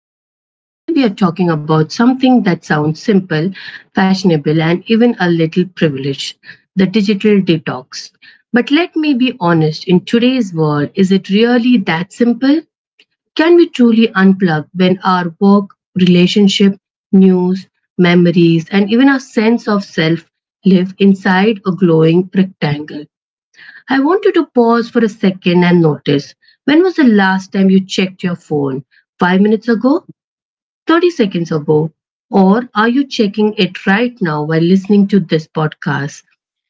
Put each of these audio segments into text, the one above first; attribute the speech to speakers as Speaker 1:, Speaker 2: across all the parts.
Speaker 1: podcast. Today we are talking about something that sounds simple, fashionable, and even a little privileged, the digital detox. But let me be honest, in today's world, is it really that simple? Can we truly unplug when our work, relationship, news, memories, and even our sense of self live inside a glowing rectangle? I want you to pause for a second and notice, when was the last time you checked your phone? 5 minutes ago? 30 seconds ago? Or are you checking it right now while listening to this podcast?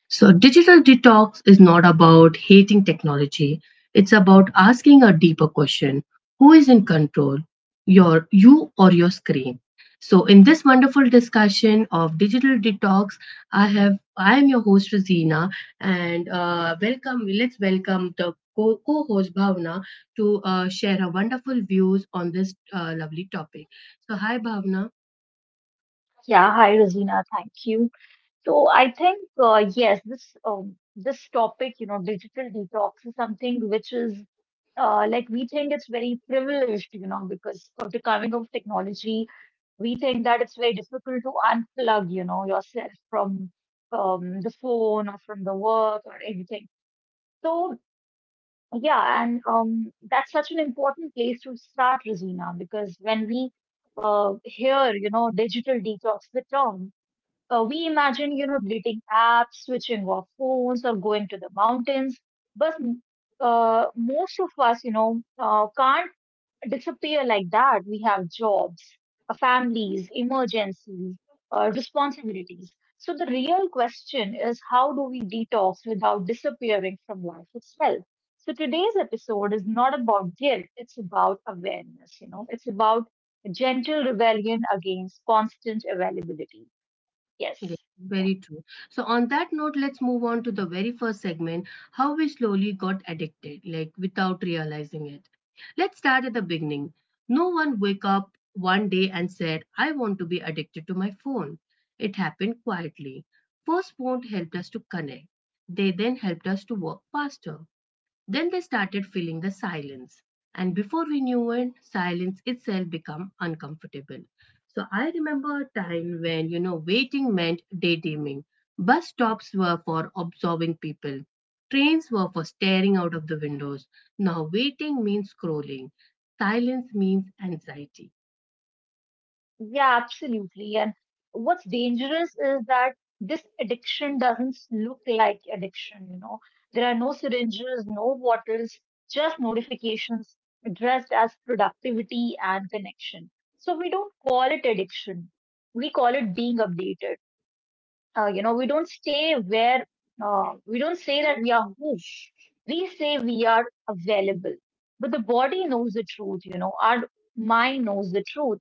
Speaker 1: Digital detox is not about hating technology. It's about asking a deeper question, who is in control, you or your screen? So, in this wonderful discussion of digital detox, I am your host Rosina, and welcome. Let's welcome the co-host Bhavna to share her wonderful views on this lovely topic. So, hi Bhavna.
Speaker 2: Yeah, hi Rosina, thank you. So I think yes, this topic, you know, digital detox is something which is like we think it's very privileged, you know, because of the coming of technology, we think that it's very difficult to unplug, you know, yourself from the phone or from the work or anything. So yeah, and that's such an important place to start, Rosina, because when we hear, you know, digital detox, the term. We imagine, you know, deleting apps, switching off phones, or going to the mountains. But most of us, you know, can't disappear like that. We have jobs, families, emergencies, responsibilities. So the real question is, how do we detox without disappearing from life itself? So today's episode is not about guilt, it's about awareness, you know, it's about gentle rebellion against constant availability.
Speaker 1: Yes,
Speaker 2: Yes. Yeah.
Speaker 1: very true. So, on that note, let's move on to the very first segment, how we slowly got addicted, like without realizing it. Let's start at the beginning. No one wake up one day and said, I want to be addicted to my phone. It happened quietly. First, phone helped us to connect. They then helped us to work faster. Then they started filling the silence. And before we knew it, silence itself became uncomfortable. So I remember a time when, you know, waiting meant daydreaming. Bus stops were for observing people. Trains were for staring out of the windows. Now waiting means scrolling. Silence means anxiety.
Speaker 2: Yeah, absolutely. And what's dangerous is that this addiction doesn't look like addiction, you know. There are no syringes, no bottles, just notifications dressed as productivity and connection. So we don't call it addiction. We call it being updated. You know, we don't stay where, we don't say that we are who. We say we are available. But the body knows the truth, you know. Our mind knows the truth.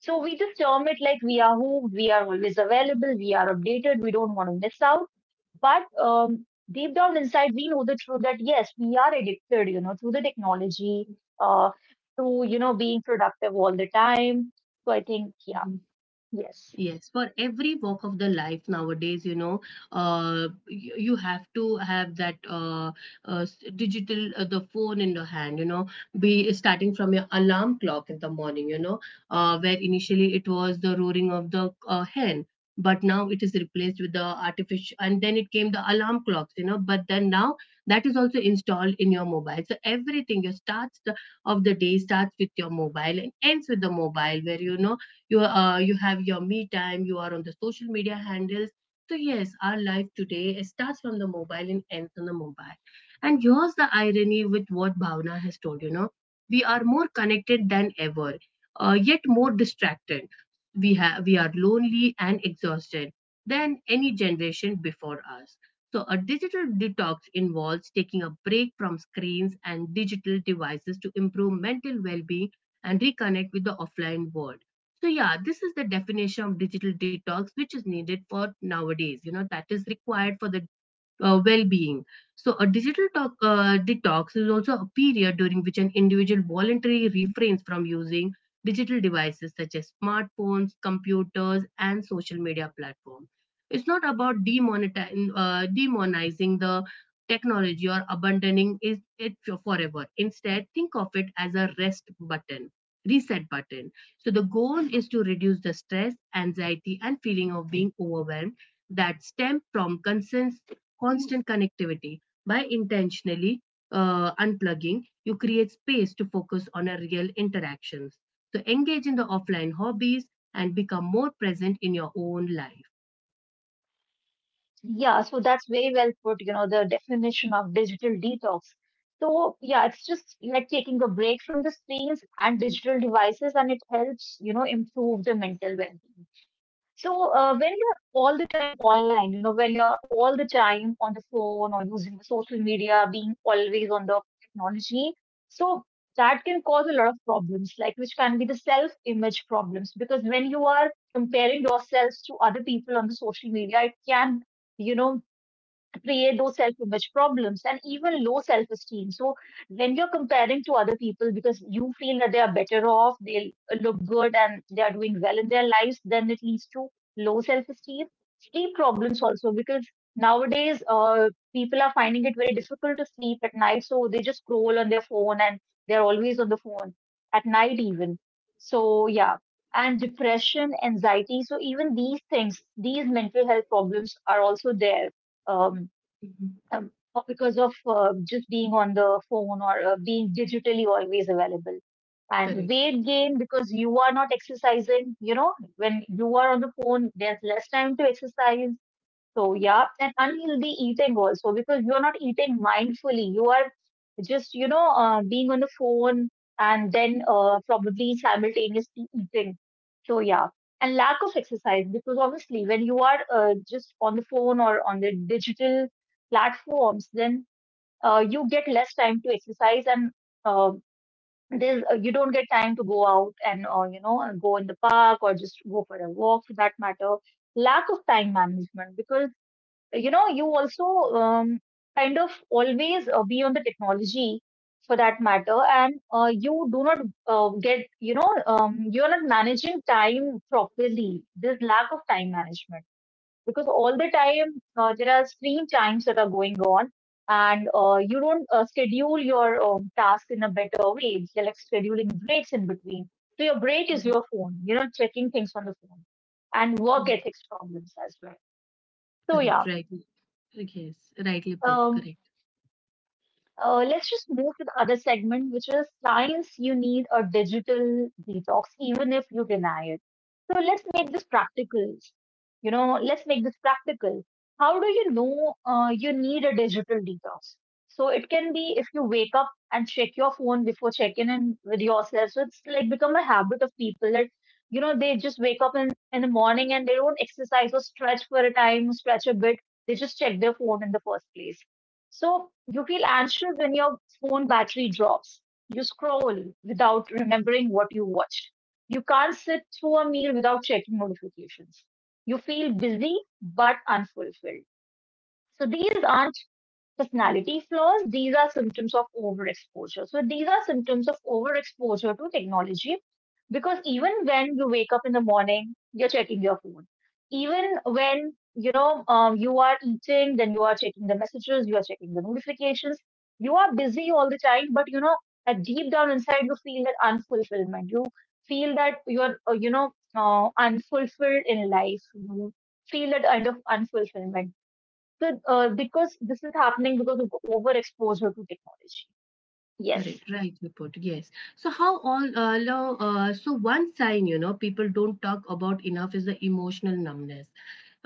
Speaker 2: So we just term it like we are who, we are always available, we are updated, we don't want to miss out. But deep down inside, we know the truth that yes, we are addicted, you know, to the technology, uh, to, you know, being productive all the time. So I think, yeah, yes.
Speaker 1: Yes, for every walk of the life nowadays, you know, you have to have that digital, the phone in your hand, you know, be starting from your alarm clock in the morning, you know, where initially it was the roaring of the hen, but now it is replaced with the artificial, and then it came the alarm clocks, you know, but then now that is also installed in your mobile. So everything, of the day starts with your mobile and ends with the mobile, where, you know, you you have your me time, you are on the social media handles. So yes, our life today starts from the mobile and ends on the mobile. And here's the irony with what Bhavna has told, you know, we are more connected than ever, yet more distracted. We have we are lonely and exhausted than any generation before us. So a digital detox involves taking a break from screens and digital devices to improve mental well-being and reconnect with the offline world. So yeah, this is the definition of digital detox which is needed for nowadays. You know, that is required for the well-being. So a detox is also a period during which an individual voluntarily refrains from using digital devices such as smartphones, computers, and social media platforms. It's not about demonizing the technology or abandoning is- it for- forever. Instead, think of it as a reset button. So the goal is to reduce the stress, anxiety, and feeling of being overwhelmed that stem from constant connectivity. By intentionally unplugging, you create space to focus on a real interactions. So engage in the offline hobbies and become more present in your own life.
Speaker 2: Yeah, so that's very well put, you know, the definition of digital detox. So yeah, it's just like taking a break from the screens and digital devices, and it helps, you know, improve the mental well-being. So, when you're all the time online, you know, when you're all the time on the phone or using the social media, being always on the technology, so that can cause a lot of problems, like which can be the self-image problems. Because when you are comparing yourselves to other people on the social media, it can, you know, create those self image problems and even low self esteem. So, when you're comparing to other people because you feel that they are better off, they look good, and they are doing well in their lives, then it leads to low self esteem. Sleep problems also, because nowadays people are finding it very difficult to sleep at night, so they just scroll on their phone and they're always on the phone at night, even. So, yeah. And depression, anxiety. So, even these things, these mental health problems are also there, um,
Speaker 1: Mhm.
Speaker 2: or because of just being on the phone or being digitally always available. And
Speaker 1: Correct.
Speaker 2: weight gain, because you are not exercising, you know, when you are on the phone, there's less time to exercise. So, yeah, and unhealthy eating also, because you're not eating mindfully. You are just, you know, being on the phone and then probably simultaneously eating. So, yeah, and lack of exercise, because obviously when you are just on the phone or on the digital platforms, then you get less time to exercise and uh, you don't get time to go out and, you know, and go in the park or just go for a walk for that matter. Lack of time management, because you know you also um, kind of always be on the technology for that matter, and you do not get, you know, you're not managing time properly, there's lack of time management because all the time there are screen times that are going on, and you don't schedule your task in a better way, you're like scheduling breaks in between, so your break is
Speaker 1: Mhm.
Speaker 2: your phone, you know, checking things on the phone, and work ethics problems as well. So
Speaker 1: Correct.
Speaker 2: yeah.
Speaker 1: Right. Yes. Rightly put.
Speaker 2: um,
Speaker 1: Correct.
Speaker 2: Let's just move to the other segment, which is science you need a digital detox, even if you deny it. So let's make this practical. You know, let's make this practical. How do you know you need a digital detox? So it can be if you wake up and check your phone before checking in with yourself. So it's like become a habit of people that, you know, they just wake up in the morning and they don't exercise or stretch for a time, stretch a bit. They just check their phone in the first place. So you feel anxious when your phone battery drops. You scroll without remembering what you watched. You can't sit through a meal without checking notifications. You feel busy but unfulfilled. So these aren't personality flaws, these are symptoms of overexposure. So these are symptoms of overexposure to technology, because even when you wake up in the morning, you're checking your phone. Even when you know, you are eating, then you are checking the messages, you are checking the notifications. You are busy all the time, but you know at deep down inside, you feel that unfulfillment. You feel that you're you know, unfulfilled in life. You feel that kind of unfulfillment, the because this is happening because of overexposure to technology. Yes,
Speaker 1: Correct, right, Report. Yes. So how all so one sign, you know, people don't talk about enough is the emotional numbness.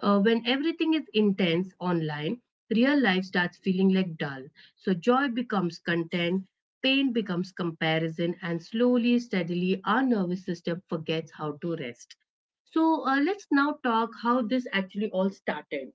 Speaker 1: When everything is intense online, real life starts feeling like dull. So joy becomes content, pain becomes comparison, and slowly, steadily, our nervous system forgets how to rest. So let's now talk how this actually all started.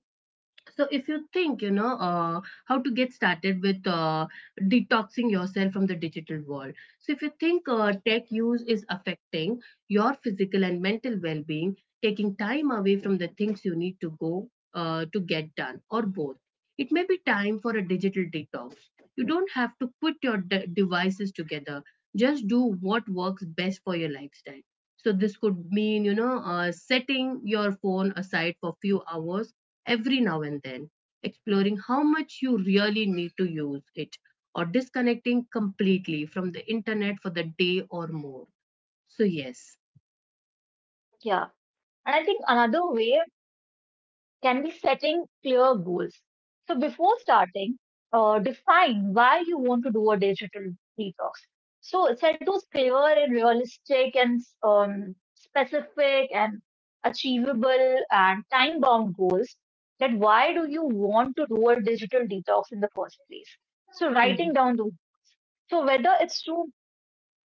Speaker 1: So if you think, you know, how to get started with detoxing yourself from the digital world. So if you think tech use is affecting your physical and mental well-being, taking time away from the things you need to get done, or both, it may be time for a digital detox. You don't have to put your devices together. Just do what works best for your lifestyle. So this could mean, you know, setting your phone aside for a few hours every now and then, exploring how much you really need to use it, or disconnecting completely from the internet for the day or more. So, yes.
Speaker 2: yeah. And I think another way can be setting clear goals. So before starting, define why you want to do a digital detox. So set those clear and realistic and specific and achievable and time bound goals. That why do you want to do a digital detox in the first place? So
Speaker 1: Mm-hmm.
Speaker 2: writing down those. So whether it's to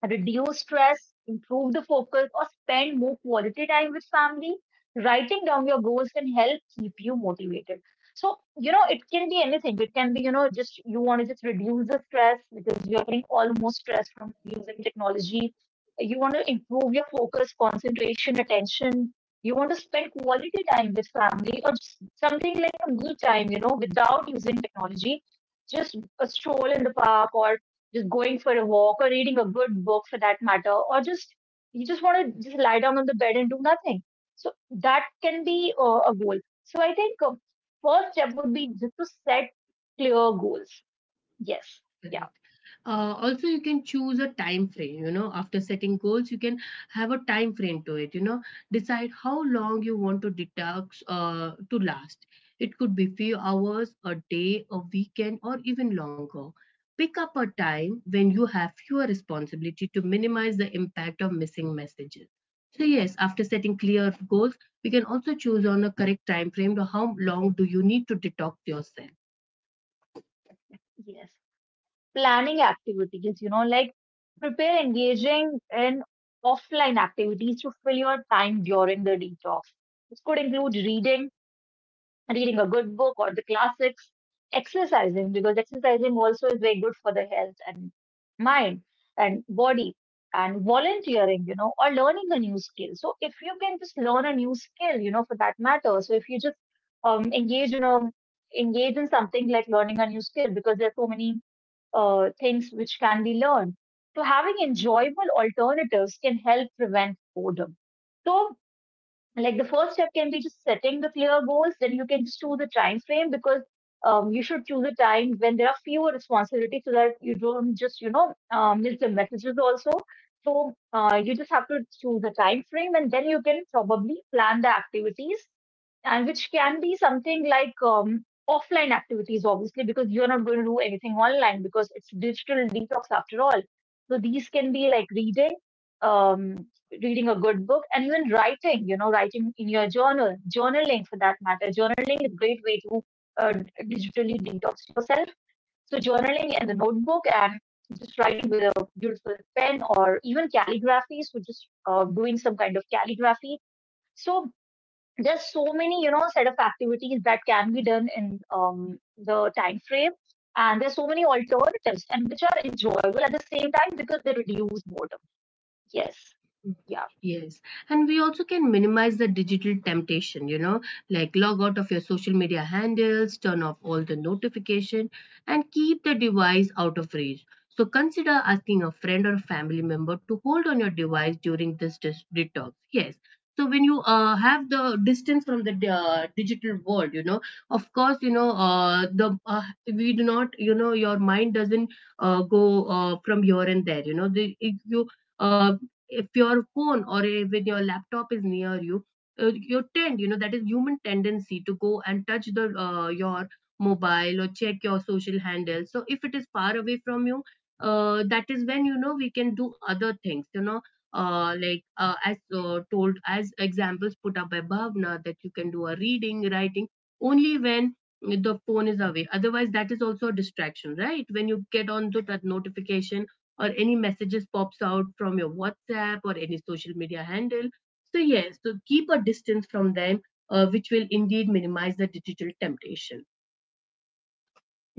Speaker 2: reduce stress, improve the focus, or spend more quality time with family. Writing down your goals can help keep you motivated. So, you know, it can be anything. It can be, you know, just you want to just reduce the stress because you're getting almost stress from using technology. You want to improve your focus, concentration, attention. You want to spend quality time with family or just something like a me time, you know, without using technology. Just a stroll in the park or just going for a walk or reading a good book for that matter, or just you just want to just lie down on the bed and do nothing. So that can be a goal. So I think first step would be just to set clear goals. Yes, yeah,
Speaker 1: Correct. Also, you can choose a time frame. You know, after setting goals, you can have a time frame to it. You know, decide how long you want to detox to last. It could be few hours, a day, a weekend, or even longer. Pick up a time when you have fewer responsibility to minimize the impact of missing messages. So yes, after setting clear goals, we can also choose on a correct time frame to how long do you need to detox yourself.
Speaker 2: yes. Planning activities, you know, like prepare engaging in offline activities to fill your time during the detox. This could include reading, reading a good book or the classics, exercising, because exercising also is very good for the health and mind and body, and volunteering, you know, or learning a new skill. So if you can just learn a new skill, you know, for that matter, so if you just engage, you know, engage in something like learning a new skill, because there are so many things which can be learned. So having enjoyable alternatives can help prevent boredom. So like the first step can be just setting the clear goals, then you can just choose the time frame, because you should choose a time when there are fewer responsibilities so that you don't just, you know, miss the messages also. So you just have to choose a time frame and then you can probably plan the activities, and which can be something like offline activities, obviously, because you're not going to do anything online because it's digital detox after all. So these can be like reading, um, reading a good book and even writing, you know, writing in your journal, journaling for that matter. Journaling is a great way to digitally detox yourself. So, journaling in the notebook and just writing with a beautiful pen or even calligraphy. So, just doing some kind of calligraphy. So, there's so many, you know, set of activities that can be done in the time frame. And there's so many alternatives and which are enjoyable at the same time because they reduce boredom. Yes. Yeah.
Speaker 1: Yes, and we also can minimize the digital temptation, you know, like log out of your social media handles, turn off all the notification, and keep the device out of reach. So consider asking a friend or family member to hold on your device during this detox. Yes. So when you have the distance from the digital world, you know, of course, you know, the we do not, you know, your mind doesn't go from here and there. You know, if you uh, if your phone or even your laptop is near you, you tend, you know, that is human tendency to go and touch the your mobile or check your social handle. So if it is far away from you, that is when, you know, we can do other things, you know, as told as examples put up by Bhavna, that you can do a reading writing only when the phone is away, otherwise that is also a distraction, right? When you get on to that notification or any messages pops out from your WhatsApp or any social media handle. So yes, so keep a distance from them, which will indeed minimize the digital temptation.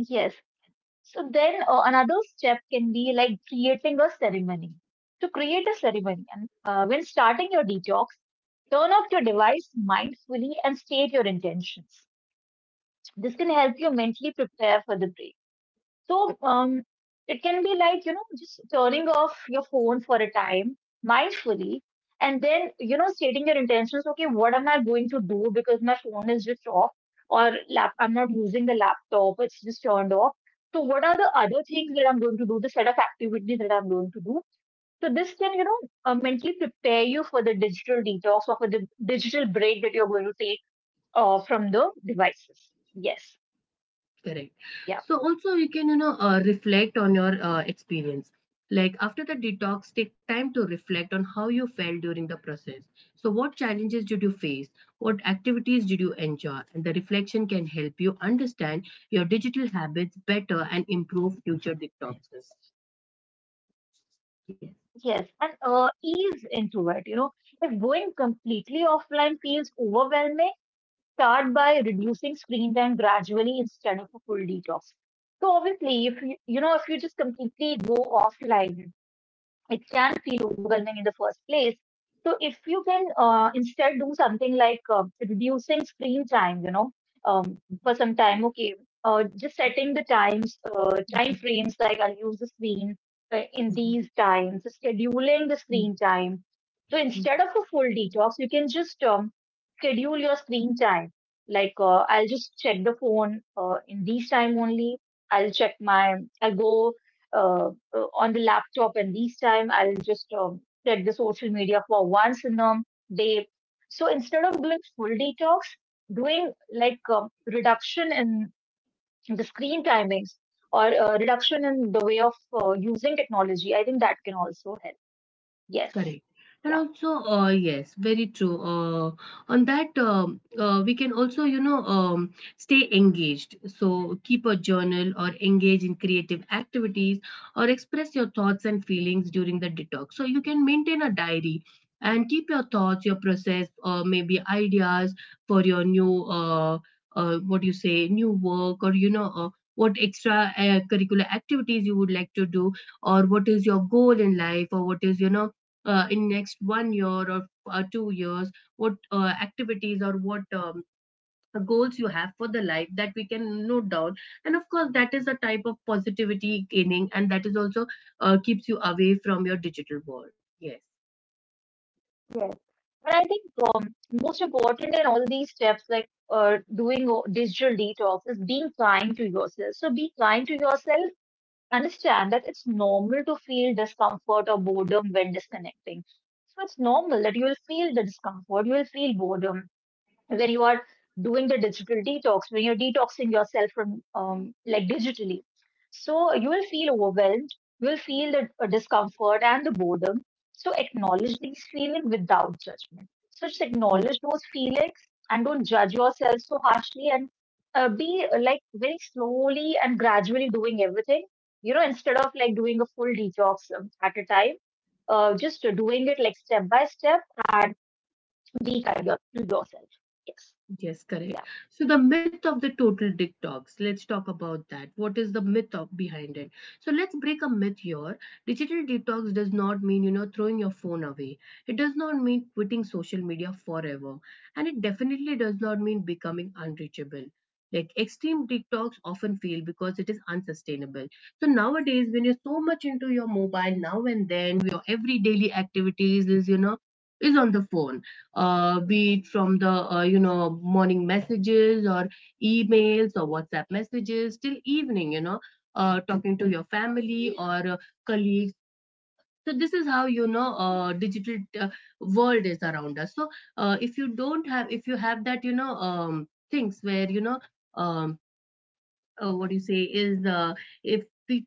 Speaker 2: Yes. So then another step can be like creating a ceremony. To create a ceremony, and when starting your detox, turn off your device mindfully and state your intentions. This can help you mentally prepare for the break. So it can be like, you know, just turning off your phone for a time mindfully and then, you know, stating your intentions. Okay, what am I going to do, because my phone is just off or lap I'm not using the laptop, it's just turned off. So what are the other things that I'm going to do, the set of activities that I'm going to do? So this can, mentally prepare you for the digital detox or for the digital break that you're going to take from the devices. Yes.
Speaker 1: Correct.
Speaker 2: Yeah.
Speaker 1: So also you can, you know, reflect on your experience. Like after the detox, take time to reflect on how you felt during the process. So what challenges did you face? What activities did you enjoy? And the reflection can help you understand your digital habits better and improve future detoxes. Yes.
Speaker 2: Yes, and ease into it. You know, if going completely offline feels overwhelming, start by reducing screen time gradually instead of a full detox. So obviously, if you, if you just completely go offline, it can feel overwhelming in the first place. So if you can instead do something like reducing screen time, for some time, okay, just setting the times,
Speaker 1: Mm-hmm.
Speaker 2: time frames, like I'll use the screen in
Speaker 1: Mhm,
Speaker 2: these times, scheduling the
Speaker 1: mhm,
Speaker 2: screen time. So
Speaker 1: mhm.
Speaker 2: instead of a full detox, you can just schedule your screen time. Like I'll just check the phone in these time only. I'll check my, I'll go uh, on the laptop, and this time I'll just check the social media for once in a day. So instead of doing full detox, doing like reduction in the screen timings or reduction in the way of using technology, I think that can also help. Yes.
Speaker 1: Correct. And
Speaker 2: Yeah.
Speaker 1: also, yes, very true. On that, we can also, you know, stay engaged. So keep a journal or engage in creative activities or express your thoughts and feelings during the detox. So you can maintain a diary and keep your thoughts, your process, or maybe ideas for your what do you say, new work, or, you know, what extra curricular activities you would like to do, or what is your goal in life, or what is, you know, in next one year or 2 years, what activities or what goals you have for the life that we can note down. And of course, that is a type of positivity gaining, and that is also keeps you away from your digital world. Yes.
Speaker 2: Yes. But I think um, most important in all these steps, like doing digital detox, is being kind to yourself. So be kind to yourself, understand that it's normal to feel discomfort or boredom when disconnecting. So it's normal that you will feel the discomfort, you will feel boredom when you are doing the digital detox, when you're detoxing yourself from, like, digitally. So you will feel overwhelmed, you will feel the discomfort and the boredom. So acknowledge these feelings without judgment. So just acknowledge those feelings and don't judge yourself so harshly, and be like very slowly and gradually doing everything. You know, instead of like doing a full detox at a time, just doing it like step by step and be kind to yourself. Yes.
Speaker 1: Yes, correct.
Speaker 2: Yeah.
Speaker 1: So the myth of the total dick dogs. Let's talk about that. What is the myth of behind it? So let's break a myth here. Digital detox does not mean, you know, throwing your phone away. It does not mean quitting social media forever. And it definitely does not mean becoming unreachable. Like extreme detox often fail because it is unsustainable. So nowadays, when you're so much into your mobile now and then, your every daily activities is, you know, is on the phone, be it from the you know, morning messages or emails or WhatsApp messages till evening, you know, talking to your family or colleagues. So this is how, you know, digital world is around us. So if you don't have, if you have that, you know, things where you know. Um, what do you say is if we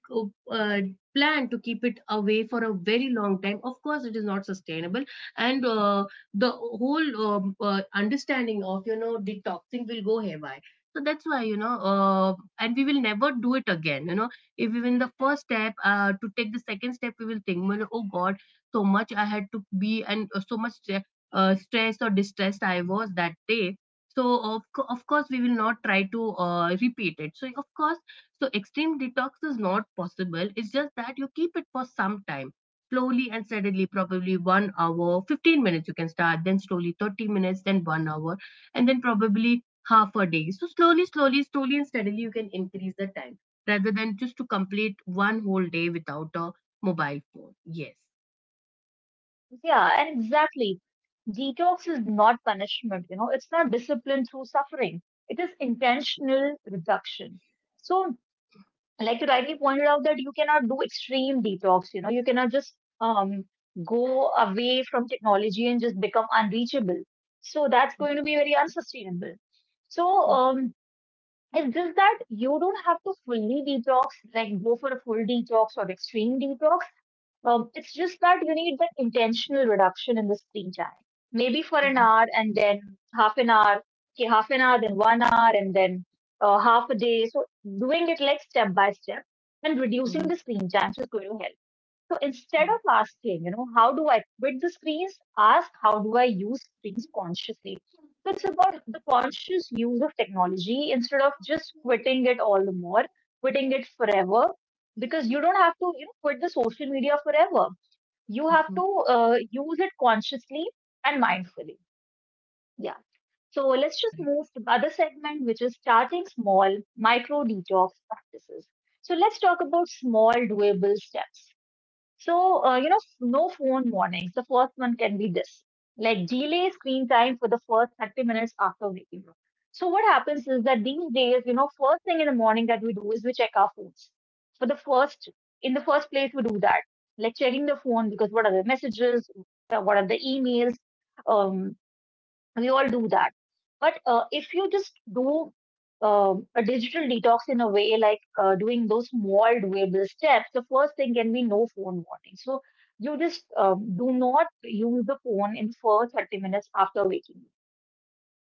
Speaker 1: uh, plan to keep it away for a very long time. Of course it is not sustainable, and the whole understanding of detoxing will go haywire. So that's why and we will never do it again, you know, if even the first step to take the second step, we will think, well, oh god, so much I had to be, and so much stressed or distressed I was that day. So of course we will not try to repeat it. So of course, so extreme detox is not possible. It's just that you keep it for some time slowly and steadily. Probably 1 hour 15 minutes you can start, then slowly 30 minutes, then 1 hour, and then probably half a day. So slowly and steadily you can increase the time, rather than just to complete one whole day without a mobile phone. Yes.
Speaker 2: Yeah, and exactly. Detox is not punishment, you know, it's not discipline through suffering. It is intentional reduction. So, like you rightly pointed out, that you cannot do extreme detox, you know, you cannot just um, go away from technology and just become unreachable. So that's going to be very unsustainable. So,
Speaker 1: Mhm.
Speaker 2: um, it's just that you don't have to fully detox, like go for a full detox or extreme detox. It's just that you need that intentional reduction in the screen time. Maybe for an hour, and then half an hour, okay, half an hour, then one hour, and then half a day. So doing it like step by step and reducing
Speaker 1: mhm,
Speaker 2: the screen time is going to help. So instead
Speaker 1: mhm,
Speaker 2: of asking, you know, how do I quit the screens, ask how do I use screens consciously. So it's
Speaker 1: mhm.
Speaker 2: about the conscious use of technology instead of just quitting it all the more, quitting it forever, because you don't have to, you know, quit the social media forever. You have
Speaker 1: Mhm.
Speaker 2: to use it consciously and mindfully. Yeah. So let's just
Speaker 1: Correct.
Speaker 2: move to the other segment, which is starting small micro detox practices. So let's talk about small doable steps. So, no phone warnings. The first one can be this, like delay screen time for the first 30 minutes after waking up. So what happens is that these days, you know, first thing in the morning that we do is we check our phones. For the first, in the first place, we do that, like checking the phone, because what are the messages, what are the emails. um, we all do that, but if you just do a digital detox in a way like doing those small doable steps, the first thing can be no phone morning. So you just do not use the phone in first 30 minutes after waking up.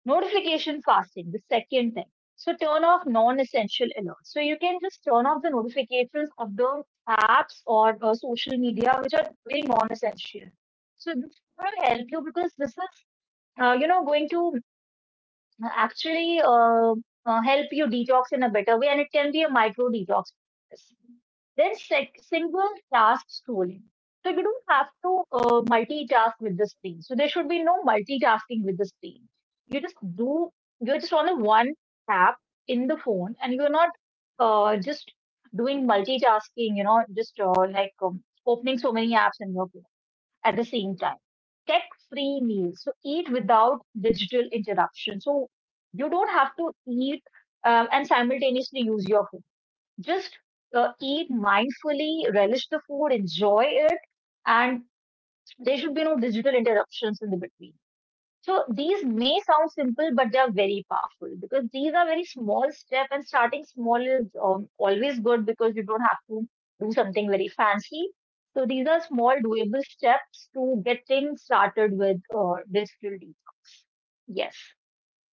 Speaker 2: Notification fasting, the second thing. So turn off non-essential alerts, so you can just turn off the notifications of the apps or social media which are very non-essential. So this will help you because this is going to actually help you detox in a better way, and it can be a micro detox process. Then single task scrolling. So you don't have to multitask with the screen. So there should be no multitasking with the screen. You just do, you're just on the one app in the phone and you're not just doing multitasking, you know, just like opening so many apps in your at the same time. Tech free meals. So eat without digital interruption. So you don't have to eat and simultaneously use your phone. Just eat mindfully, relish the food, enjoy it, and there should be no digital interruptions in the between. So these may sound simple, but they are very powerful because these are very small steps, and starting small is always good because you don't have to do something very fancy. So these are small doable steps to getting started with digital detox. Yes,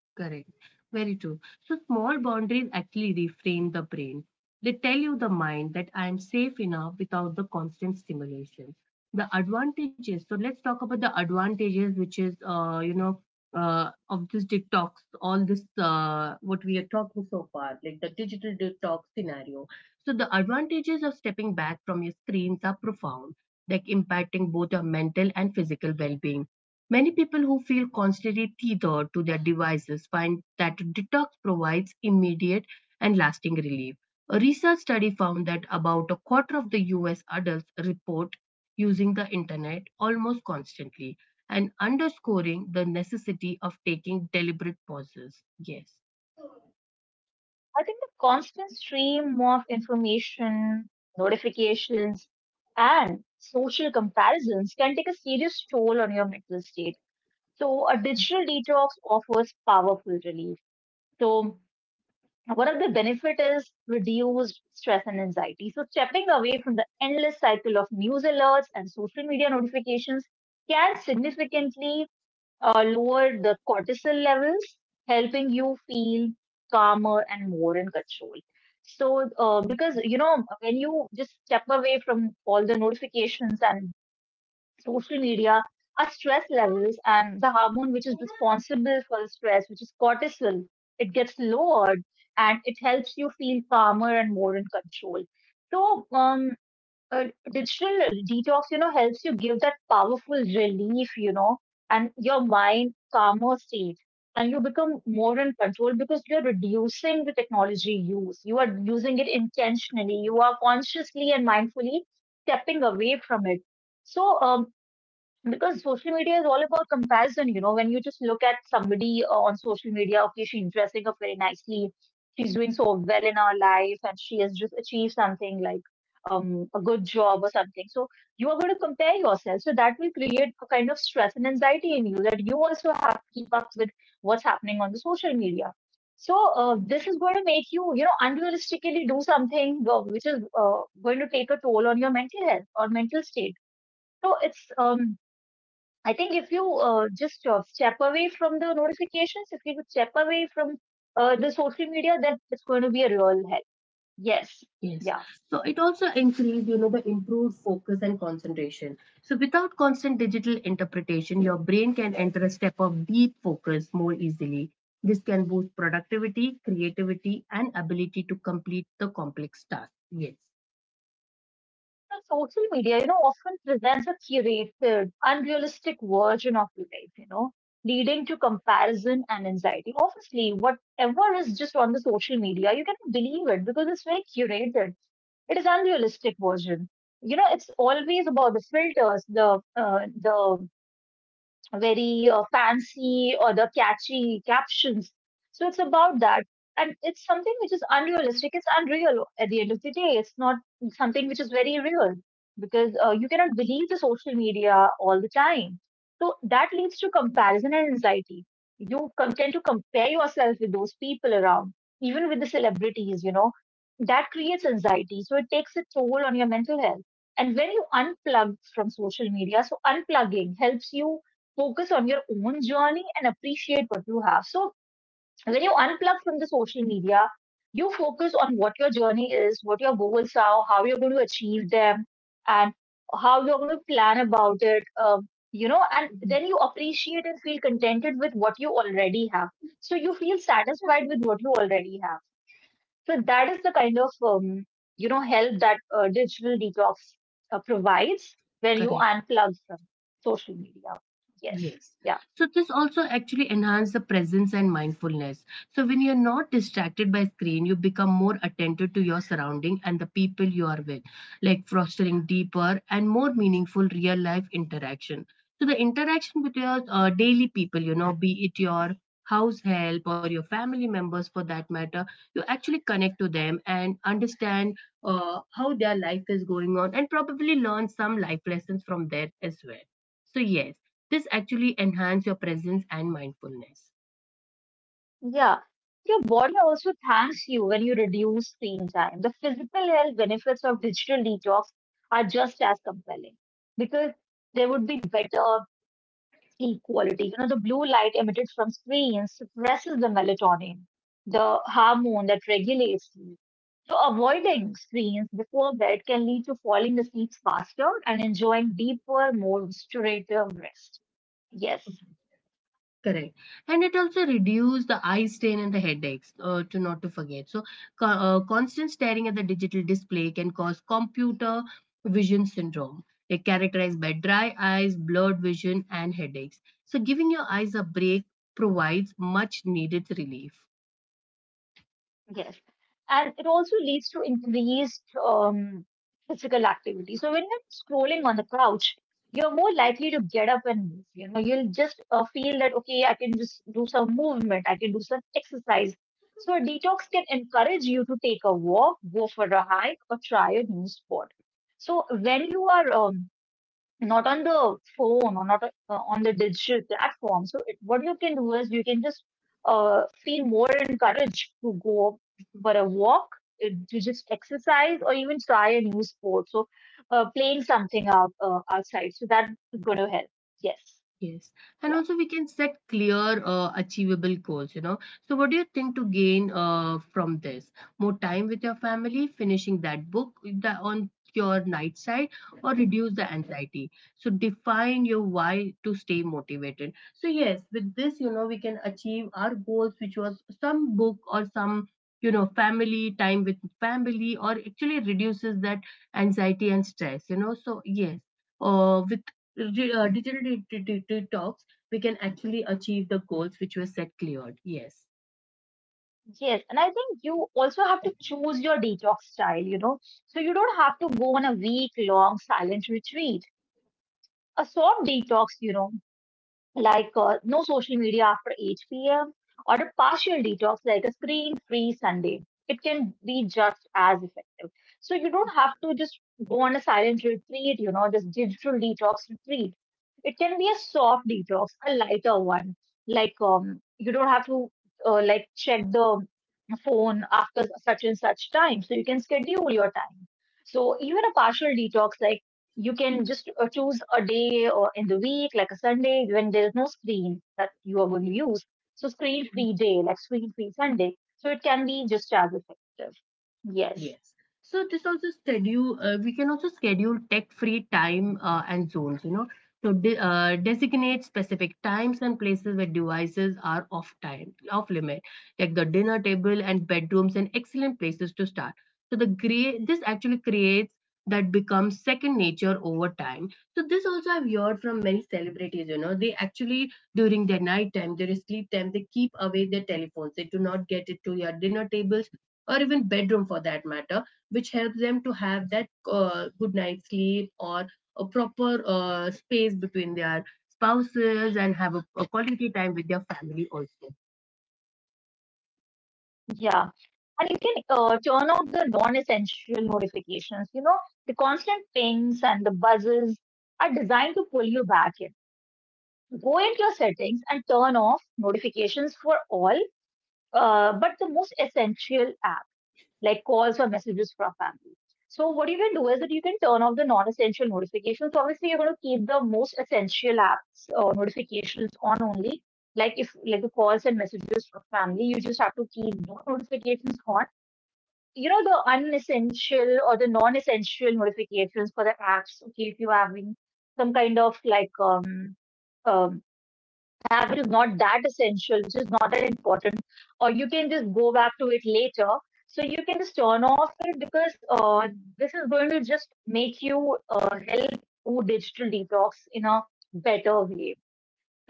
Speaker 1: Correct. Very true. So small boundaries actually reframe the brain. They tell you the mind that I am safe enough without the constant stimulation. The advantages. So let's talk about the advantages, which is of this detox, all this what we are talking so far, like the digital detox scenario. So the advantages of stepping back from your screens are profound, like impacting both your mental and physical well-being. Many people who feel constantly tethered to their devices find that detox provides immediate and lasting relief. A research study found that about a quarter of the US adults report using the internet almost constantly and underscoring the necessity of taking deliberate pauses. Yes.
Speaker 2: I think the constant stream of information, notifications, and social comparisons can take a serious toll on your mental state. So a digital detox offers powerful relief. So one of the benefit is reduced stress and anxiety. So stepping away from the endless cycle of news alerts and social media notifications can significantly lower the cortisol levels, helping you feel calmer and more in control. So because you know when you just step away from all the notifications and social media, our stress levels, and the hormone which is responsible for the stress, which is cortisol, it gets lowered and it helps you feel calmer and more in control. So, um, uh, digital detox, you know, helps you give that powerful relief, you know, and your mind calmer state. And you become more in control because you're reducing the technology use. You are using it intentionally. You are consciously and mindfully stepping away from it. So, um, because social media is all about comparison, you know, when you just look at somebody on social media, okay, she's dressing up very nicely, she's doing so well in her life, and she has just achieved something like a good job or something. So you are going to compare yourself. So that will create a kind of stress and anxiety in you that you also have to keep up with what's happening on the social media. So this is going to make you, you know, unrealistically do something which is going to take a toll on your mental health or mental state. So it's I think if you just step away from the notifications, if you step away from the social media, then it's going to be a real help. Yes.
Speaker 1: Yes.
Speaker 2: Yeah.
Speaker 1: So it also increased, you know, the improved focus and concentration. So without constant digital interpretation, your brain can enter a step of deep focus more easily. This can boost productivity, creativity, and ability to complete the complex task. Yes.
Speaker 2: So social media, you know, often presents a curated, unrealistic version of life, you know, leading to comparison and anxiety. Obviously, whatever is just on the social media, you cannot believe it because it's very curated. It is unrealistic version. You know, it's always about the filters, the very fancy or the catchy captions. So it's about that. And it's something which is unrealistic. It's unreal at the end of the day. It's not something which is very real, because you cannot believe the social media all the time. So that leads to comparison and anxiety. You tend to compare yourself with those people around, even with the celebrities, you know. That creates anxiety. So it takes a toll on your mental health. And when you unplug from social media, so unplugging helps you focus on your own journey and appreciate what you have. So when you unplug from the social media, you focus on what your journey is, what your goals are, how you're going to achieve them, and how you're going to plan about it. You know, and
Speaker 1: Mhm.
Speaker 2: then you appreciate and feel contented with what you already have. So you feel satisfied with what you already have. So that is the kind of help that digital detox provides when you
Speaker 1: Correct.
Speaker 2: unplug from social media. Yes.
Speaker 1: Yes.
Speaker 2: Yeah.
Speaker 1: So this also actually enhances the presence and mindfulness. So when you're not distracted by screen, you become more attentive to your surrounding and the people you are with, like fostering deeper and more meaningful real life interaction. So the interaction with your daily people, you know, be it your house help or your family members for that matter, you actually connect to them and understand how their life is going on and probably learn some life lessons from there as well. So yes, this actually enhance your presence and mindfulness.
Speaker 2: Yeah, your body also thanks you when you reduce screen time. The physical health benefits of digital detox are just as compelling because there would be better sleep quality. You know, the blue light emitted from screens suppresses the melatonin, the hormone that regulates sleep. So avoiding screens before bed can lead to falling asleep faster and enjoying deeper, more restorative rest. Yes.
Speaker 1: Correct, and it also reduce the eye strain and the headaches. To not to forget, so constant staring at the digital display can cause computer vision syndrome. They characterized by dry eyes, blurred vision, and headaches. So giving your eyes a break provides much needed relief.
Speaker 2: Yes. And it also leads to increased physical activity. So when you're scrolling on the couch, you're more likely to get up and move. You know, you'll just feel that, okay, I can just do some movement, I can do some exercise. So a detox can encourage you to take a walk, go for a hike, or try a new sport. So when you are not on the phone or not on the digital platform. So it, what you can do is you can just uh, feel more encouraged to go for a walk, to just exercise, or even try a new sport. So playing something outside. So that's going to help. Yes.
Speaker 1: Yes, and
Speaker 2: Yeah.
Speaker 1: also we can set clear, achievable goals, you know. So, what do you think to gain from this? More time with your family, finishing that book the, on your night side, or reduce the anxiety? So, define your why to stay motivated. So, yes, with this, you know, we can achieve our goals, which was some book or some, you know, family time with family, or actually reduces that anxiety and stress, you know. So, yes, with digital detox, we can actually achieve the goals which were set cleared. Yes.
Speaker 2: Yes. And I think you also have to choose your detox style, you know. So you don't have to go on a week long silent retreat. A short detox, you know, like no social media after 8 p.m. or a partial detox like a screen-free Sunday. It can be just as effective. So you don't have to just go on a silent retreat, you know, this digital detox retreat. It can be a soft detox, a lighter one. You don't have to like check the phone after such and such time. So you can schedule your time. So even a partial detox like you can just choose a day or in the week, like a Sunday, when there is no screen that you are going to use. So screen free day, like screen free Sunday. So it can be just as effective. Yes.
Speaker 1: Yes. So this also schedule, we can also schedule tech-free time and zones, you know, to de designate specific times and places where devices are off time, off limit, like the dinner table and bedrooms and excellent places to start. So the gray, this actually creates that becomes second nature over time. So this also I've heard from many celebrities, you know, they actually during their night time, their sleep time, they keep away their telephones. They do not get it to your dinner table or even bedroom for that matter, which helps them to have that good night's sleep or a proper space between their spouses and have a quality time with their family also.
Speaker 2: Yeah. And you can turn off the non-essential notifications. You know, the constant pings and the buzzes are designed to pull you back in. Go into your settings and turn off notifications for all, but the most essential apps. Like calls or messages from family. So what you can do is that you can turn off the non-essential notifications. So obviously, you're going to keep the most essential apps or notifications on only. Like if like the calls and messages from family, you just have to keep those notifications on. You know the unessential or the non-essential notifications for the apps. Okay, if you're having some kind of um app which is not that essential, which is not that important or you can just go back to it later. So you can just turn off it because this is going to just make you help do digital detox in a better way.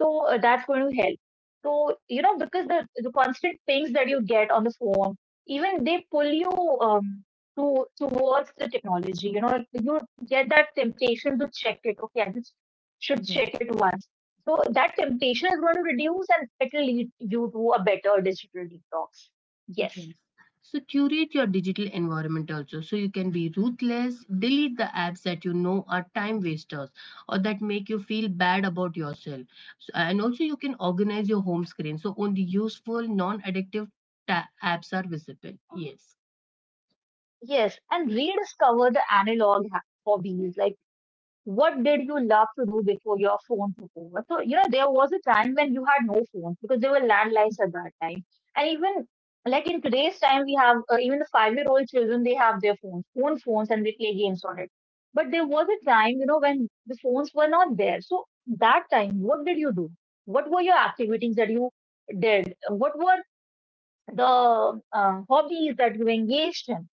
Speaker 2: So that's going to help. So, you know, because the constant pings that you get on the phone, even they pull you to towards the technology. You know, you get that temptation to check it. Okay, I just should
Speaker 1: Right.
Speaker 2: check it once. So that temptation is going to reduce and it will lead you to a better digital detox. Yes,
Speaker 1: Right. So curate your digital environment also. So you can be ruthless, delete the apps that you know are time wasters or that make you feel bad about yourself. So, and also you can organize your home screen so only useful non-addictive apps are visible. Yes.
Speaker 2: yes. And rediscover the hobbies. Like, what did you love to do before your phone took over? So, you know, there was a time when you had no phones because there were landlines at that time. And even like in today's time, we have even the 5 year old children, they have their phones, own phones, and they play games on it. But there was a time, you know, when the phones were not there. So, that time, what did you do? What were your activities that you did? What were the hobbies that you engaged in?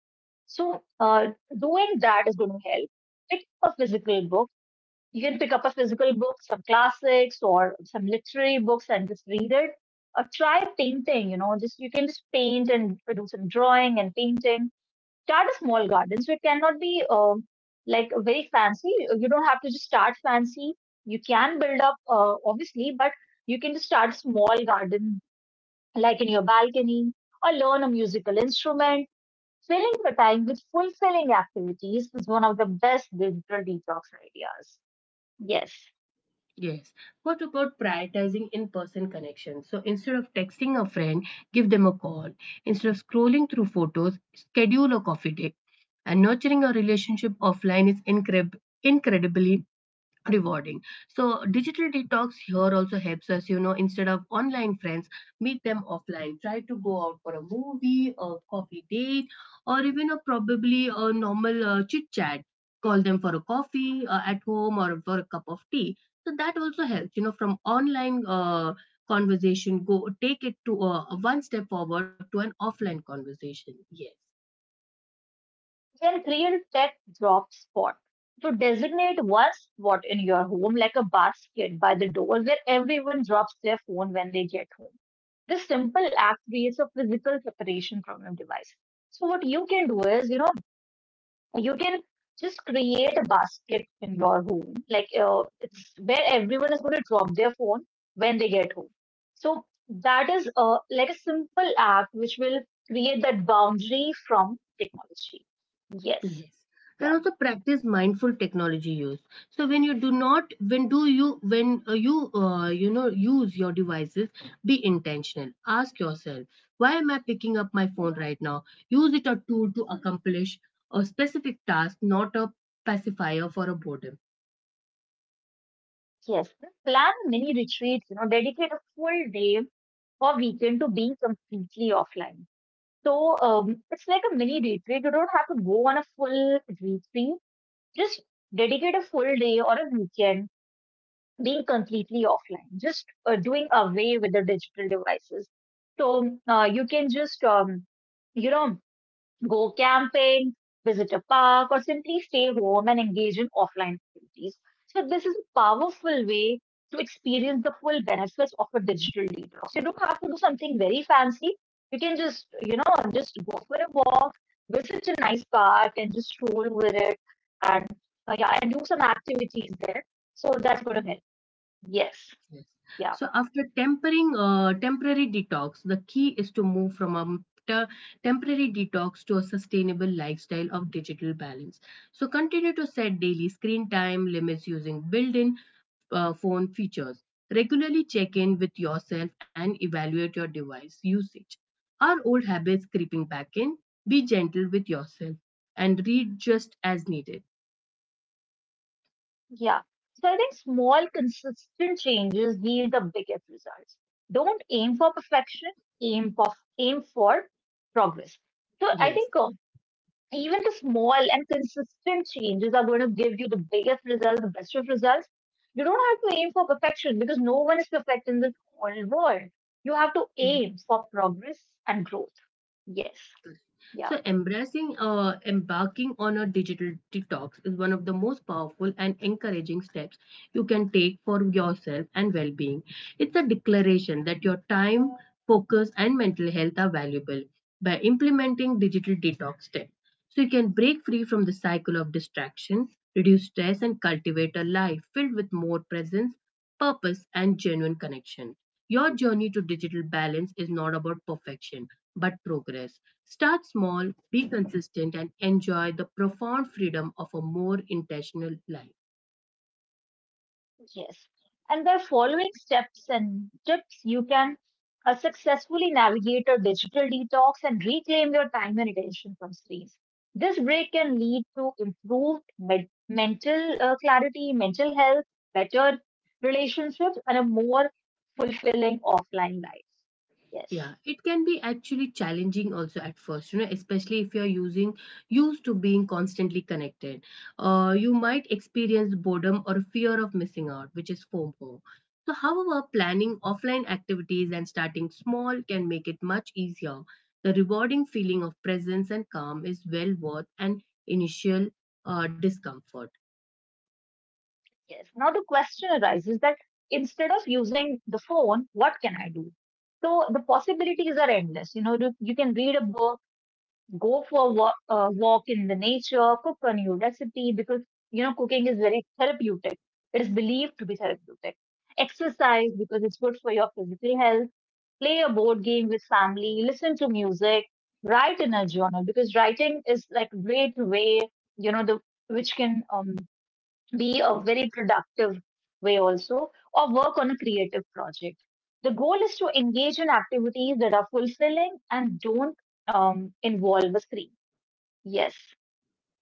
Speaker 2: So, doing that is going to help. Pick a physical book, you can pick up a physical book, some classics or some literary books and just read it. Or try painting, you know, just you can just paint and do some drawing and painting. Start a small garden. So it cannot be like very fancy. You don't have to just start fancy. You can build up, obviously, but you can just start small garden, like in your balcony, or learn a musical instrument. Filling the time with fulfilling activities is one of the best digital detox ideas. Yes.
Speaker 1: Yes. What about prioritizing in person connections? So instead of texting a friend, give them a call. Instead of scrolling through photos, schedule a coffee date. And nurturing a relationship offline is incredibly rewarding. So digital detox here also helps us, you know, instead of online friends, meet them offline. Try to go out for a movie, a coffee date, or even a probably a normal chit chat. Call them for a coffee at home or for a cup of tea. So that also helps, you know, from online conversation, go take it to one step forward to an offline conversation. Yes.
Speaker 2: Their real tech drop spot. So designate one spot in your home like a basket by the door where everyone drops their phone when they get home. This simple act creates a physical separation from your device. So what you can do is, you know, you can just create a basket in your home. It's where everyone is going to drop their phone when they get home. So that is like a simple act which will create that boundary from technology. Yes.
Speaker 1: Yes.
Speaker 2: Yeah.
Speaker 1: And also practice mindful technology use. So when you do not, when do you, when use your devices, be intentional. Ask yourself, why am I picking up my phone right now? Use it a tool to accomplish a specific task, not a pacifier for a boredom.
Speaker 2: Yes. Plan mini retreats, you know, dedicate a full day or weekend to being completely offline. So it's like a mini retreat. You don't have to go on a full retreat. Just dedicate a full day or a weekend being completely offline, just doing away with the digital devices. So you can just, you know, go camping, visit a park, or simply stay home and engage in offline activities. So, this is a powerful way to experience the full benefits of a digital detox. So you don't have to do something very fancy. You can just, you know, just go for a walk, visit a nice park, and just stroll over it and, yeah, and do some activities there. So, that's going to help. Yes.
Speaker 1: Yes.
Speaker 2: Yeah.
Speaker 1: So after tempering temporary detox, the key is to move from a temporary detox to a sustainable lifestyle of digital balance. So continue to set daily screen time limits using built-in phone features. Regularly check in with yourself and evaluate your device usage. Are old habits creeping back in? Be gentle with yourself and read just as needed.
Speaker 2: Yeah. So I think small, consistent changes yield the biggest results. Don't aim for perfection, aim for aim for progress. So I
Speaker 1: Yes.
Speaker 2: think even the small and consistent changes are going to give you the biggest result, the best of results. You don't have to aim for perfection because no one is perfect in this whole world. You have to aim for progress and growth. Yes. Yeah.
Speaker 1: So embracing embarking on a digital detox is one of the most powerful and encouraging steps you can take for yourself and well-being. It's a declaration that your time, focus and mental health are valuable. By implementing digital detox steps, so you can break free from the cycle of distraction, reduce stress, and cultivate a life filled with more presence, purpose, and genuine connection. Your journey to digital balance is not about perfection, but progress. Start small, be consistent, and enjoy the profound freedom of a more intentional life.
Speaker 2: Yes. And by following steps and tips, you can successfully navigate a digital detox and reclaim your time and attention from screens. This break can lead to improved mental clarity, mental health, better relationships, and a more fulfilling offline life. Yes.
Speaker 1: Yeah, it can be actually challenging also at first, you know, especially if you're using used to being constantly connected. You might experience boredom or fear of missing out, which is FOMO. So, however, planning offline activities and starting small can make it much easier. The rewarding feeling of presence and calm is well worth an initial discomfort.
Speaker 2: Yes. Now, the question arises that instead of using the phone, what can I do? So the possibilities are endless. You know, you can read a book, go for a walk, walk in the nature, cook a new recipe because you know cooking is very therapeutic. It is believed to be therapeutic. Exercise because it's good for your physical health. Play a board game with family. Listen to music. Write in a journal because writing is like great way, you know, the which can be a very productive way also, or work on a creative project. The goal is to engage in activities that are fulfilling and don't involve a screen. Yes.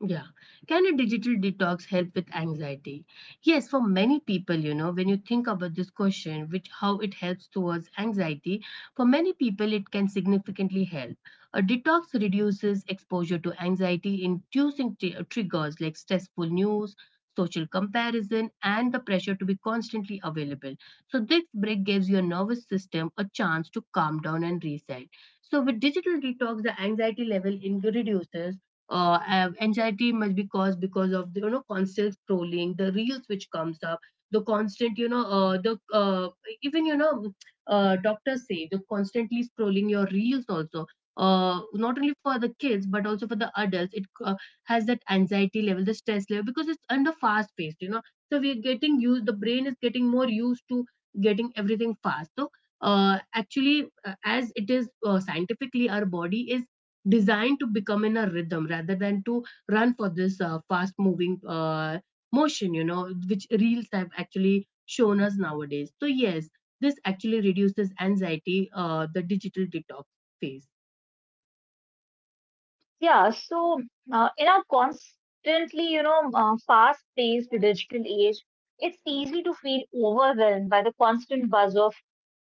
Speaker 1: Yeah. Can a digital detox help with anxiety? Yes, for many people, you know, when you think about this question, which how it helps towards anxiety, for many people, it can significantly help. A detox reduces exposure to anxiety, inducing triggers like stressful news, social comparison, and the pressure to be constantly available. So, this break gives your nervous system a chance to calm down and reset. So, with digital detox, the anxiety level reduces. Anxiety must be caused because of the, you know, constant scrolling, the reels which comes up, the constant, you know, the even, you know, doctors say the constantly scrolling your reels also, not only for the kids but also for the adults, it has that anxiety level, the stress level, because it's under fast paced, you know. So we're getting used, the brain is getting more used to getting everything fast. So actually as it is, scientifically our body is designed to become in a rhythm rather than to run for this fast moving motion, you know, which reels have actually shown us nowadays. So yes, this actually reduces anxiety, the digital detox phase.
Speaker 2: Yeah. So, in our constantly, you know, fast-paced digital age, it's easy to feel overwhelmed by the constant buzz of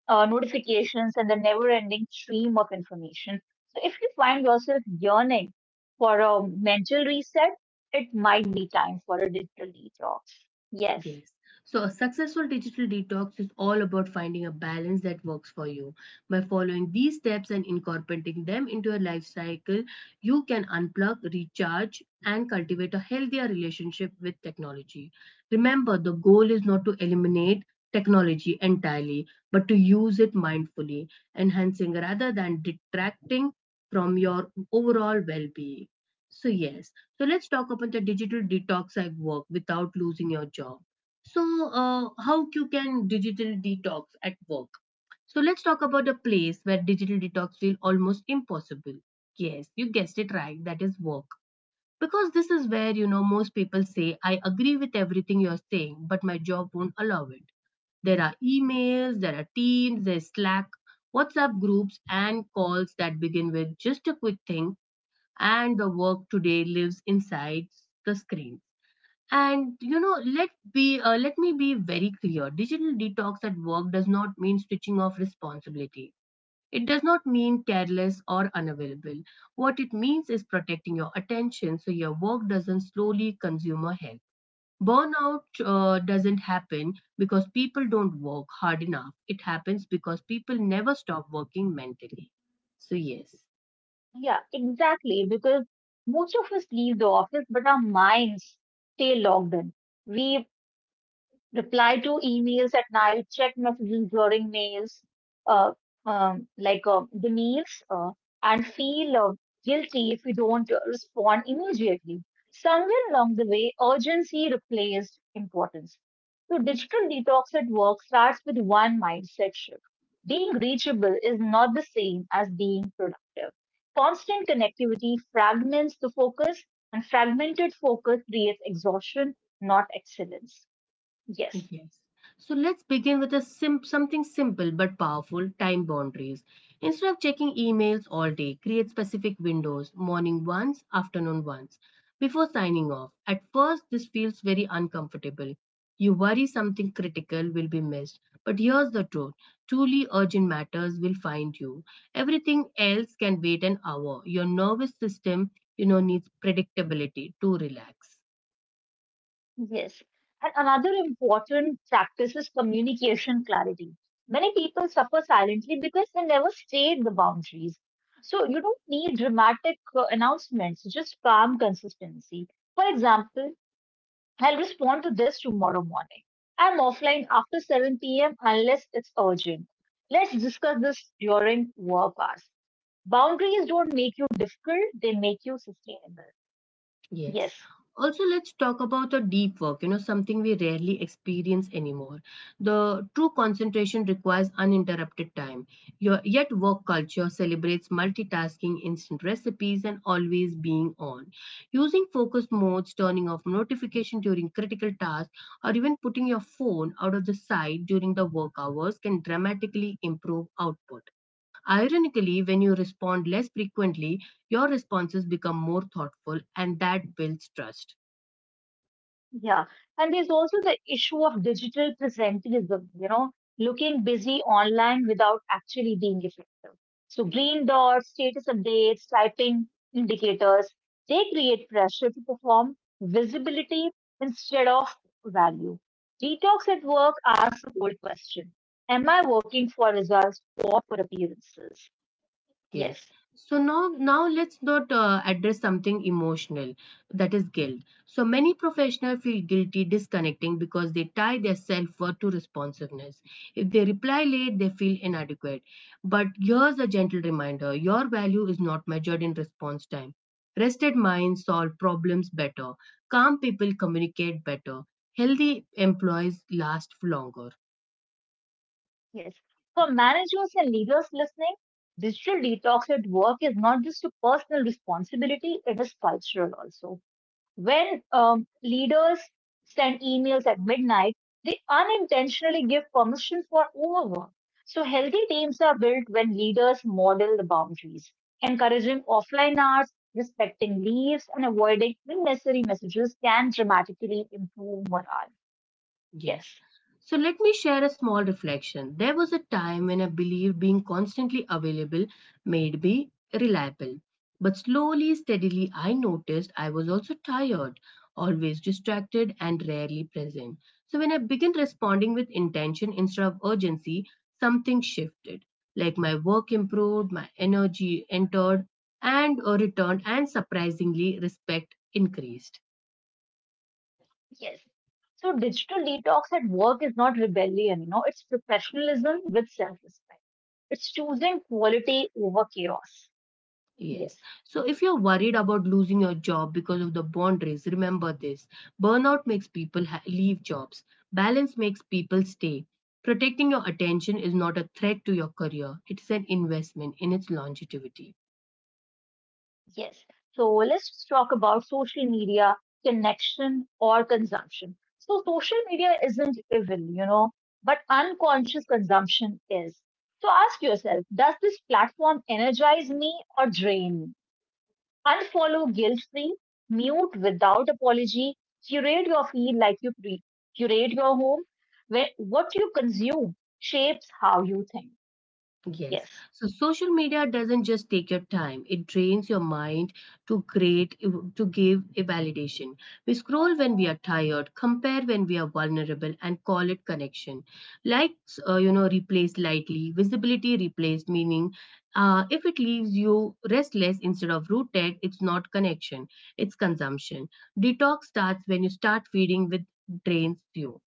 Speaker 2: notifications and the never-ending stream of information. So, if you find yourself yearning for a mental reset, it might be time for a digital detox. Yes.
Speaker 1: Yes. So a successful digital detox is all about finding a balance that works for you. By following these steps and incorporating them into your life cycle, you can unplug, recharge, and cultivate a healthier relationship with technology. Remember, the goal is not to eliminate technology entirely, but to use it mindfully, enhancing rather than detracting from your overall well-being. So yes, so let's talk about the digital detox I work without losing your job. So, how you can digital detox at work? So let's talk about a place where digital detox feel almost impossible. Yes, you guessed it right, that is work. Because this is where, you know, most people say, I agree with everything you're saying, but my job won't allow it. There are emails, there are teams, there's Slack, WhatsApp groups, and calls that begin with just a quick thing, and the work today lives inside the screen. And you know, let me be very clear. Digital detox at work does not mean switching off responsibility. It does not mean careless or unavailable. What it means is protecting your attention so your work doesn't slowly consume your health. Burnout doesn't happen because people don't work hard enough. It happens because people never stop working mentally. So yes.
Speaker 2: Yeah, exactly. Because most of us leave the office, but our minds stay logged in. We reply to emails at night, check messages during meals, uh, the meals, and feel guilty if we don't respond immediately. Somewhere along the way, urgency replaced importance. So, digital detox at work starts with one mindset shift. Being reachable is not the same as being productive. Constant connectivity fragments the focus, and fragmented focus creates exhaustion, not excellence. Yes.
Speaker 1: Yes. So let's begin with a something simple but powerful time boundaries. Instead of checking emails all day, create specific windows morning once, afternoon once before signing off. At first, this feels very uncomfortable. You worry something critical will be missed. But here's the truth, truly urgent matters will find you. Everything else can wait an hour. Your nervous system, needs predictability to relax.
Speaker 2: Yes. And another important practice is communication clarity. Many people suffer silently because they never state the boundaries. So you don't need dramatic announcements, just calm consistency. For example, I'll respond to this tomorrow morning. I'm offline after 7 p.m. unless it's urgent. Let's discuss this during work hours. Boundaries don't make you difficult, they make you sustainable.
Speaker 1: Yes.
Speaker 2: Yes.
Speaker 1: Also, let's talk about the deep work, something we rarely experience anymore. The true concentration requires uninterrupted time. Your, yet, work culture celebrates multitasking, instant recipes, and always being on. Using focus modes, turning off notification during critical tasks, or even putting your phone out of the sight during the work hours can dramatically improve output. Ironically, when you respond less frequently, your responses become more thoughtful, and that builds trust.
Speaker 2: Yeah, and there's also the issue of digital presentism, you know, looking busy online without actually being effective. So green dots, status updates, typing indicators, they create pressure to perform visibility instead of value. Detox at work asks a bold question. Am I working for results or for appearances? Yes.
Speaker 1: Yes. So now, let's not address something emotional, that is guilt. So many professionals feel guilty disconnecting because they tie their self-worth to responsiveness. If they reply late, they feel inadequate. But here's a gentle reminder: your value is not measured in response time. Rested minds solve problems better. Calm people communicate better. Healthy employees last longer.
Speaker 2: Yes. For managers and leaders listening, digital detox at work is not just a personal responsibility, it is cultural also. When leaders send emails at midnight, they unintentionally give permission for overwork. So, healthy teams are built when leaders model the boundaries, encouraging offline hours, respecting leaves, and avoiding unnecessary messages can dramatically improve morale.
Speaker 1: Yes.
Speaker 2: Yes.
Speaker 1: So let me share a small reflection. There was a time when I believed being constantly available made me reliable. But slowly, steadily, I noticed I was also tired, always distracted, and rarely present. So when I began responding with intention instead of urgency, something shifted. Like my work improved, my energy entered and returned, and surprisingly, respect increased.
Speaker 2: Yes. So digital detox at work is not rebellion, you know, it's professionalism with self-respect. It's choosing quality over chaos. Yes.
Speaker 1: Yes. So if you're worried about losing your job because of the boundaries, remember this. Burnout makes people leave jobs. Balance makes people stay. Protecting your attention is not a threat to your career. It is an investment in its longevity.
Speaker 2: Yes. So let's talk about social media, connection or consumption. So social media isn't evil, you know, but unconscious consumption is. So ask yourself, does this platform energize me or drain me? Unfollow guilt free, mute without apology, curate your feed like you curate your home, where what you consume shapes how you think. Yes.
Speaker 1: Yes. So social media doesn't just take your time, it drains your mind to create, to give a validation. We scroll when we are tired, compare when we are vulnerable, and call it connection. Likes, replaced lightly, visibility replaced meaning. If it leaves you restless instead of rooted, it's not connection, it's consumption. Detox starts when you start feeding with drains you.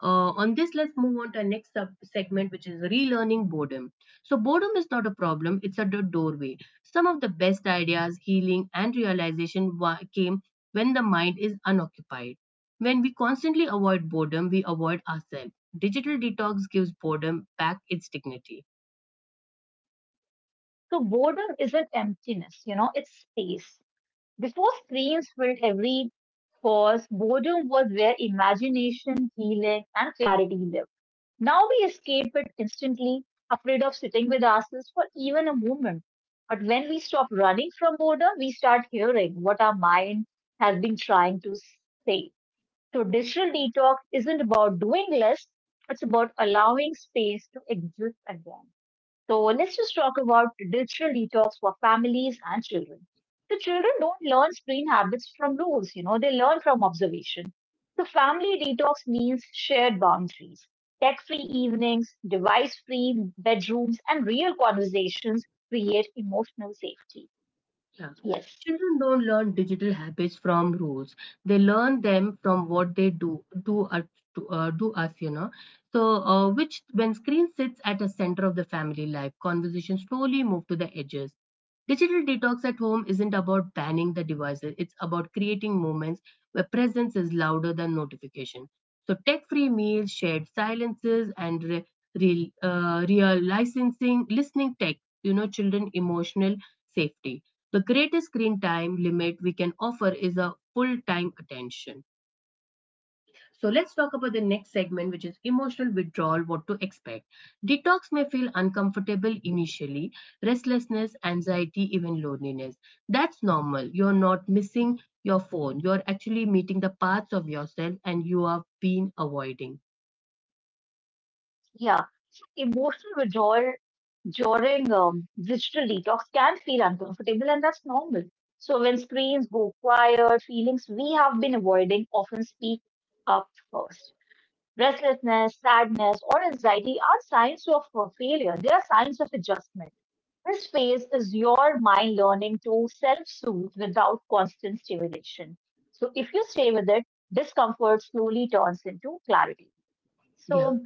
Speaker 1: On this, let's move on to our next sub segment, which is relearning boredom. So, boredom is not a problem, it's a doorway. Some of the best ideas, healing, and realization came when the mind is unoccupied. When we constantly avoid boredom, we avoid ourselves. Digital detox gives boredom back its dignity.
Speaker 2: So boredom isn't emptiness, you know, it's space. Before screens filled every pause, boredom was where imagination, healing, and clarity lived. Now we escape it instantly, afraid of sitting with ourselves for even a moment. But when we stop running from boredom, we start hearing what our mind has been trying to say. So digital detox isn't about doing less, it's about allowing space to exist again. So let's just talk about digital detox for families and children. The children don't learn screen habits from rules, you know, they learn from observation. So family detox means shared boundaries, tech-free evenings, device-free bedrooms, and real conversations create emotional safety.
Speaker 1: Yeah.
Speaker 2: Yes.
Speaker 1: Children don't learn digital habits from rules. They learn them from what they do us, to, do us, So, which when screen sits at the center of the family life, conversations slowly move to the edges. Digital detox at home isn't about banning the devices. It's about creating moments where presence is louder than notification. So, tech-free meals, shared silences, and real, real licensing, listening tech, children emotional safety. The greatest screen time limit we can offer is a full time attention. So let's talk about the next segment, which is emotional withdrawal, what to expect. Detox may feel uncomfortable initially, restlessness, anxiety, even loneliness. That's normal. You're not missing your phone. You're actually meeting the parts of yourself and you have been avoiding.
Speaker 2: Yeah. So emotional withdrawal during digital detox can feel uncomfortable, and that's normal. So when screens go quiet, feelings we have been avoiding often speak up first. Restlessness, sadness, or anxiety are signs of failure. They are signs of adjustment. This phase is your mind learning to self soothe without constant stimulation. So, if you stay with it, discomfort slowly turns into clarity.
Speaker 1: Yeah.
Speaker 2: So,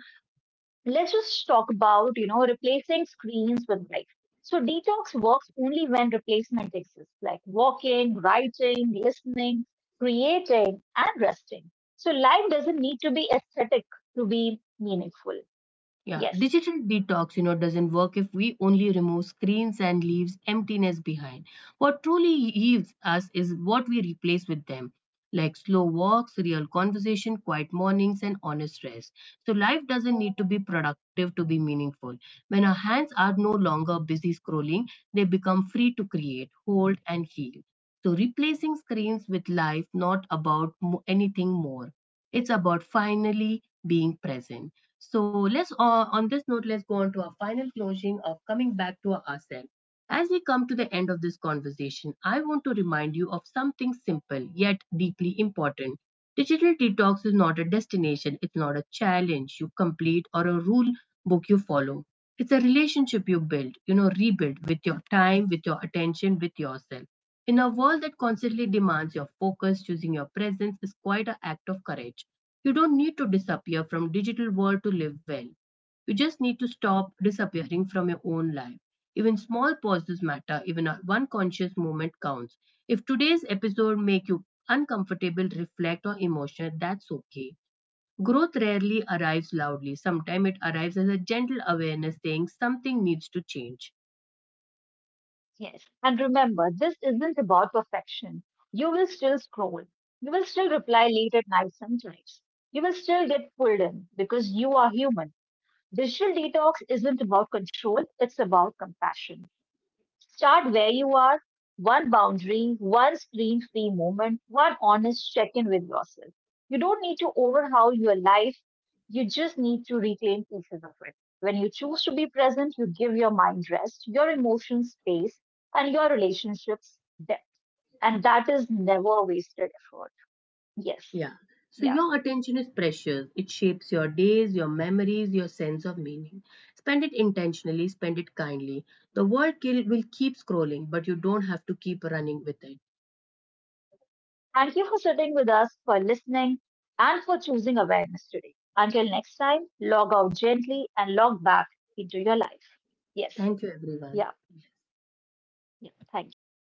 Speaker 2: let's just talk about, you know, replacing screens with life. So detox works only when replacement exists, like walking, writing, listening, creating, and resting. So life doesn't need to be aesthetic to be meaningful.
Speaker 1: Yeah,
Speaker 2: Yes.
Speaker 1: digital detox, doesn't work if we only remove screens and leaves emptiness behind. What truly heals us is what we replace with them, like slow walks, real conversation, quiet mornings, and honest rest. So life doesn't need to be productive to be meaningful. When our hands are no longer busy scrolling, they become free to create, hold, and heal. So replacing screens with life, not about anything more. It's about finally being present. So let's on this note, let's go on to our final closing of coming back to ourselves. As we come to the end of this conversation, I want to remind you of something simple yet deeply important. Digital detox is not a destination, it's not a challenge you complete or a rule book you follow. It's a relationship you build, rebuild with your time, with your attention, with yourself. In a world that constantly demands your focus, choosing your presence is quite an act of courage. You don't need to disappear from digital world to live well. You just need to stop disappearing from your own life. Even small pauses matter, even one conscious moment counts. If today's episode make you uncomfortable, reflect or emotional, that's okay. Growth rarely arrives loudly. Sometimes it arrives as a gentle awareness saying something needs to change.
Speaker 2: Yes. And remember, this isn't about perfection. You will still scroll, you will still reply late at night sometimes, you will still get pulled in because you are human. Digital detox isn't about control, it's about compassion. Start where you are. One boundary, one screen free moment, one honest check in with yourself. You don't need to overhaul your life. You just need to reclaim pieces of it. When you choose to be present, you give your mind rest, your emotions space, and your relationships depth. And that is never a wasted effort. Yes.
Speaker 1: Yeah. So
Speaker 2: Yeah.
Speaker 1: your attention is precious. It shapes your days, your memories, your sense of meaning. Spend it intentionally, spend it kindly. The world will keep scrolling, but you don't have to keep running with it.
Speaker 2: Thank you for sitting with us, for listening, and for choosing awareness today. Until next time, log out gently and log back into your life. Yes.
Speaker 1: Thank you,
Speaker 2: Yeah.
Speaker 1: everyone.
Speaker 2: Yeah. Thank you.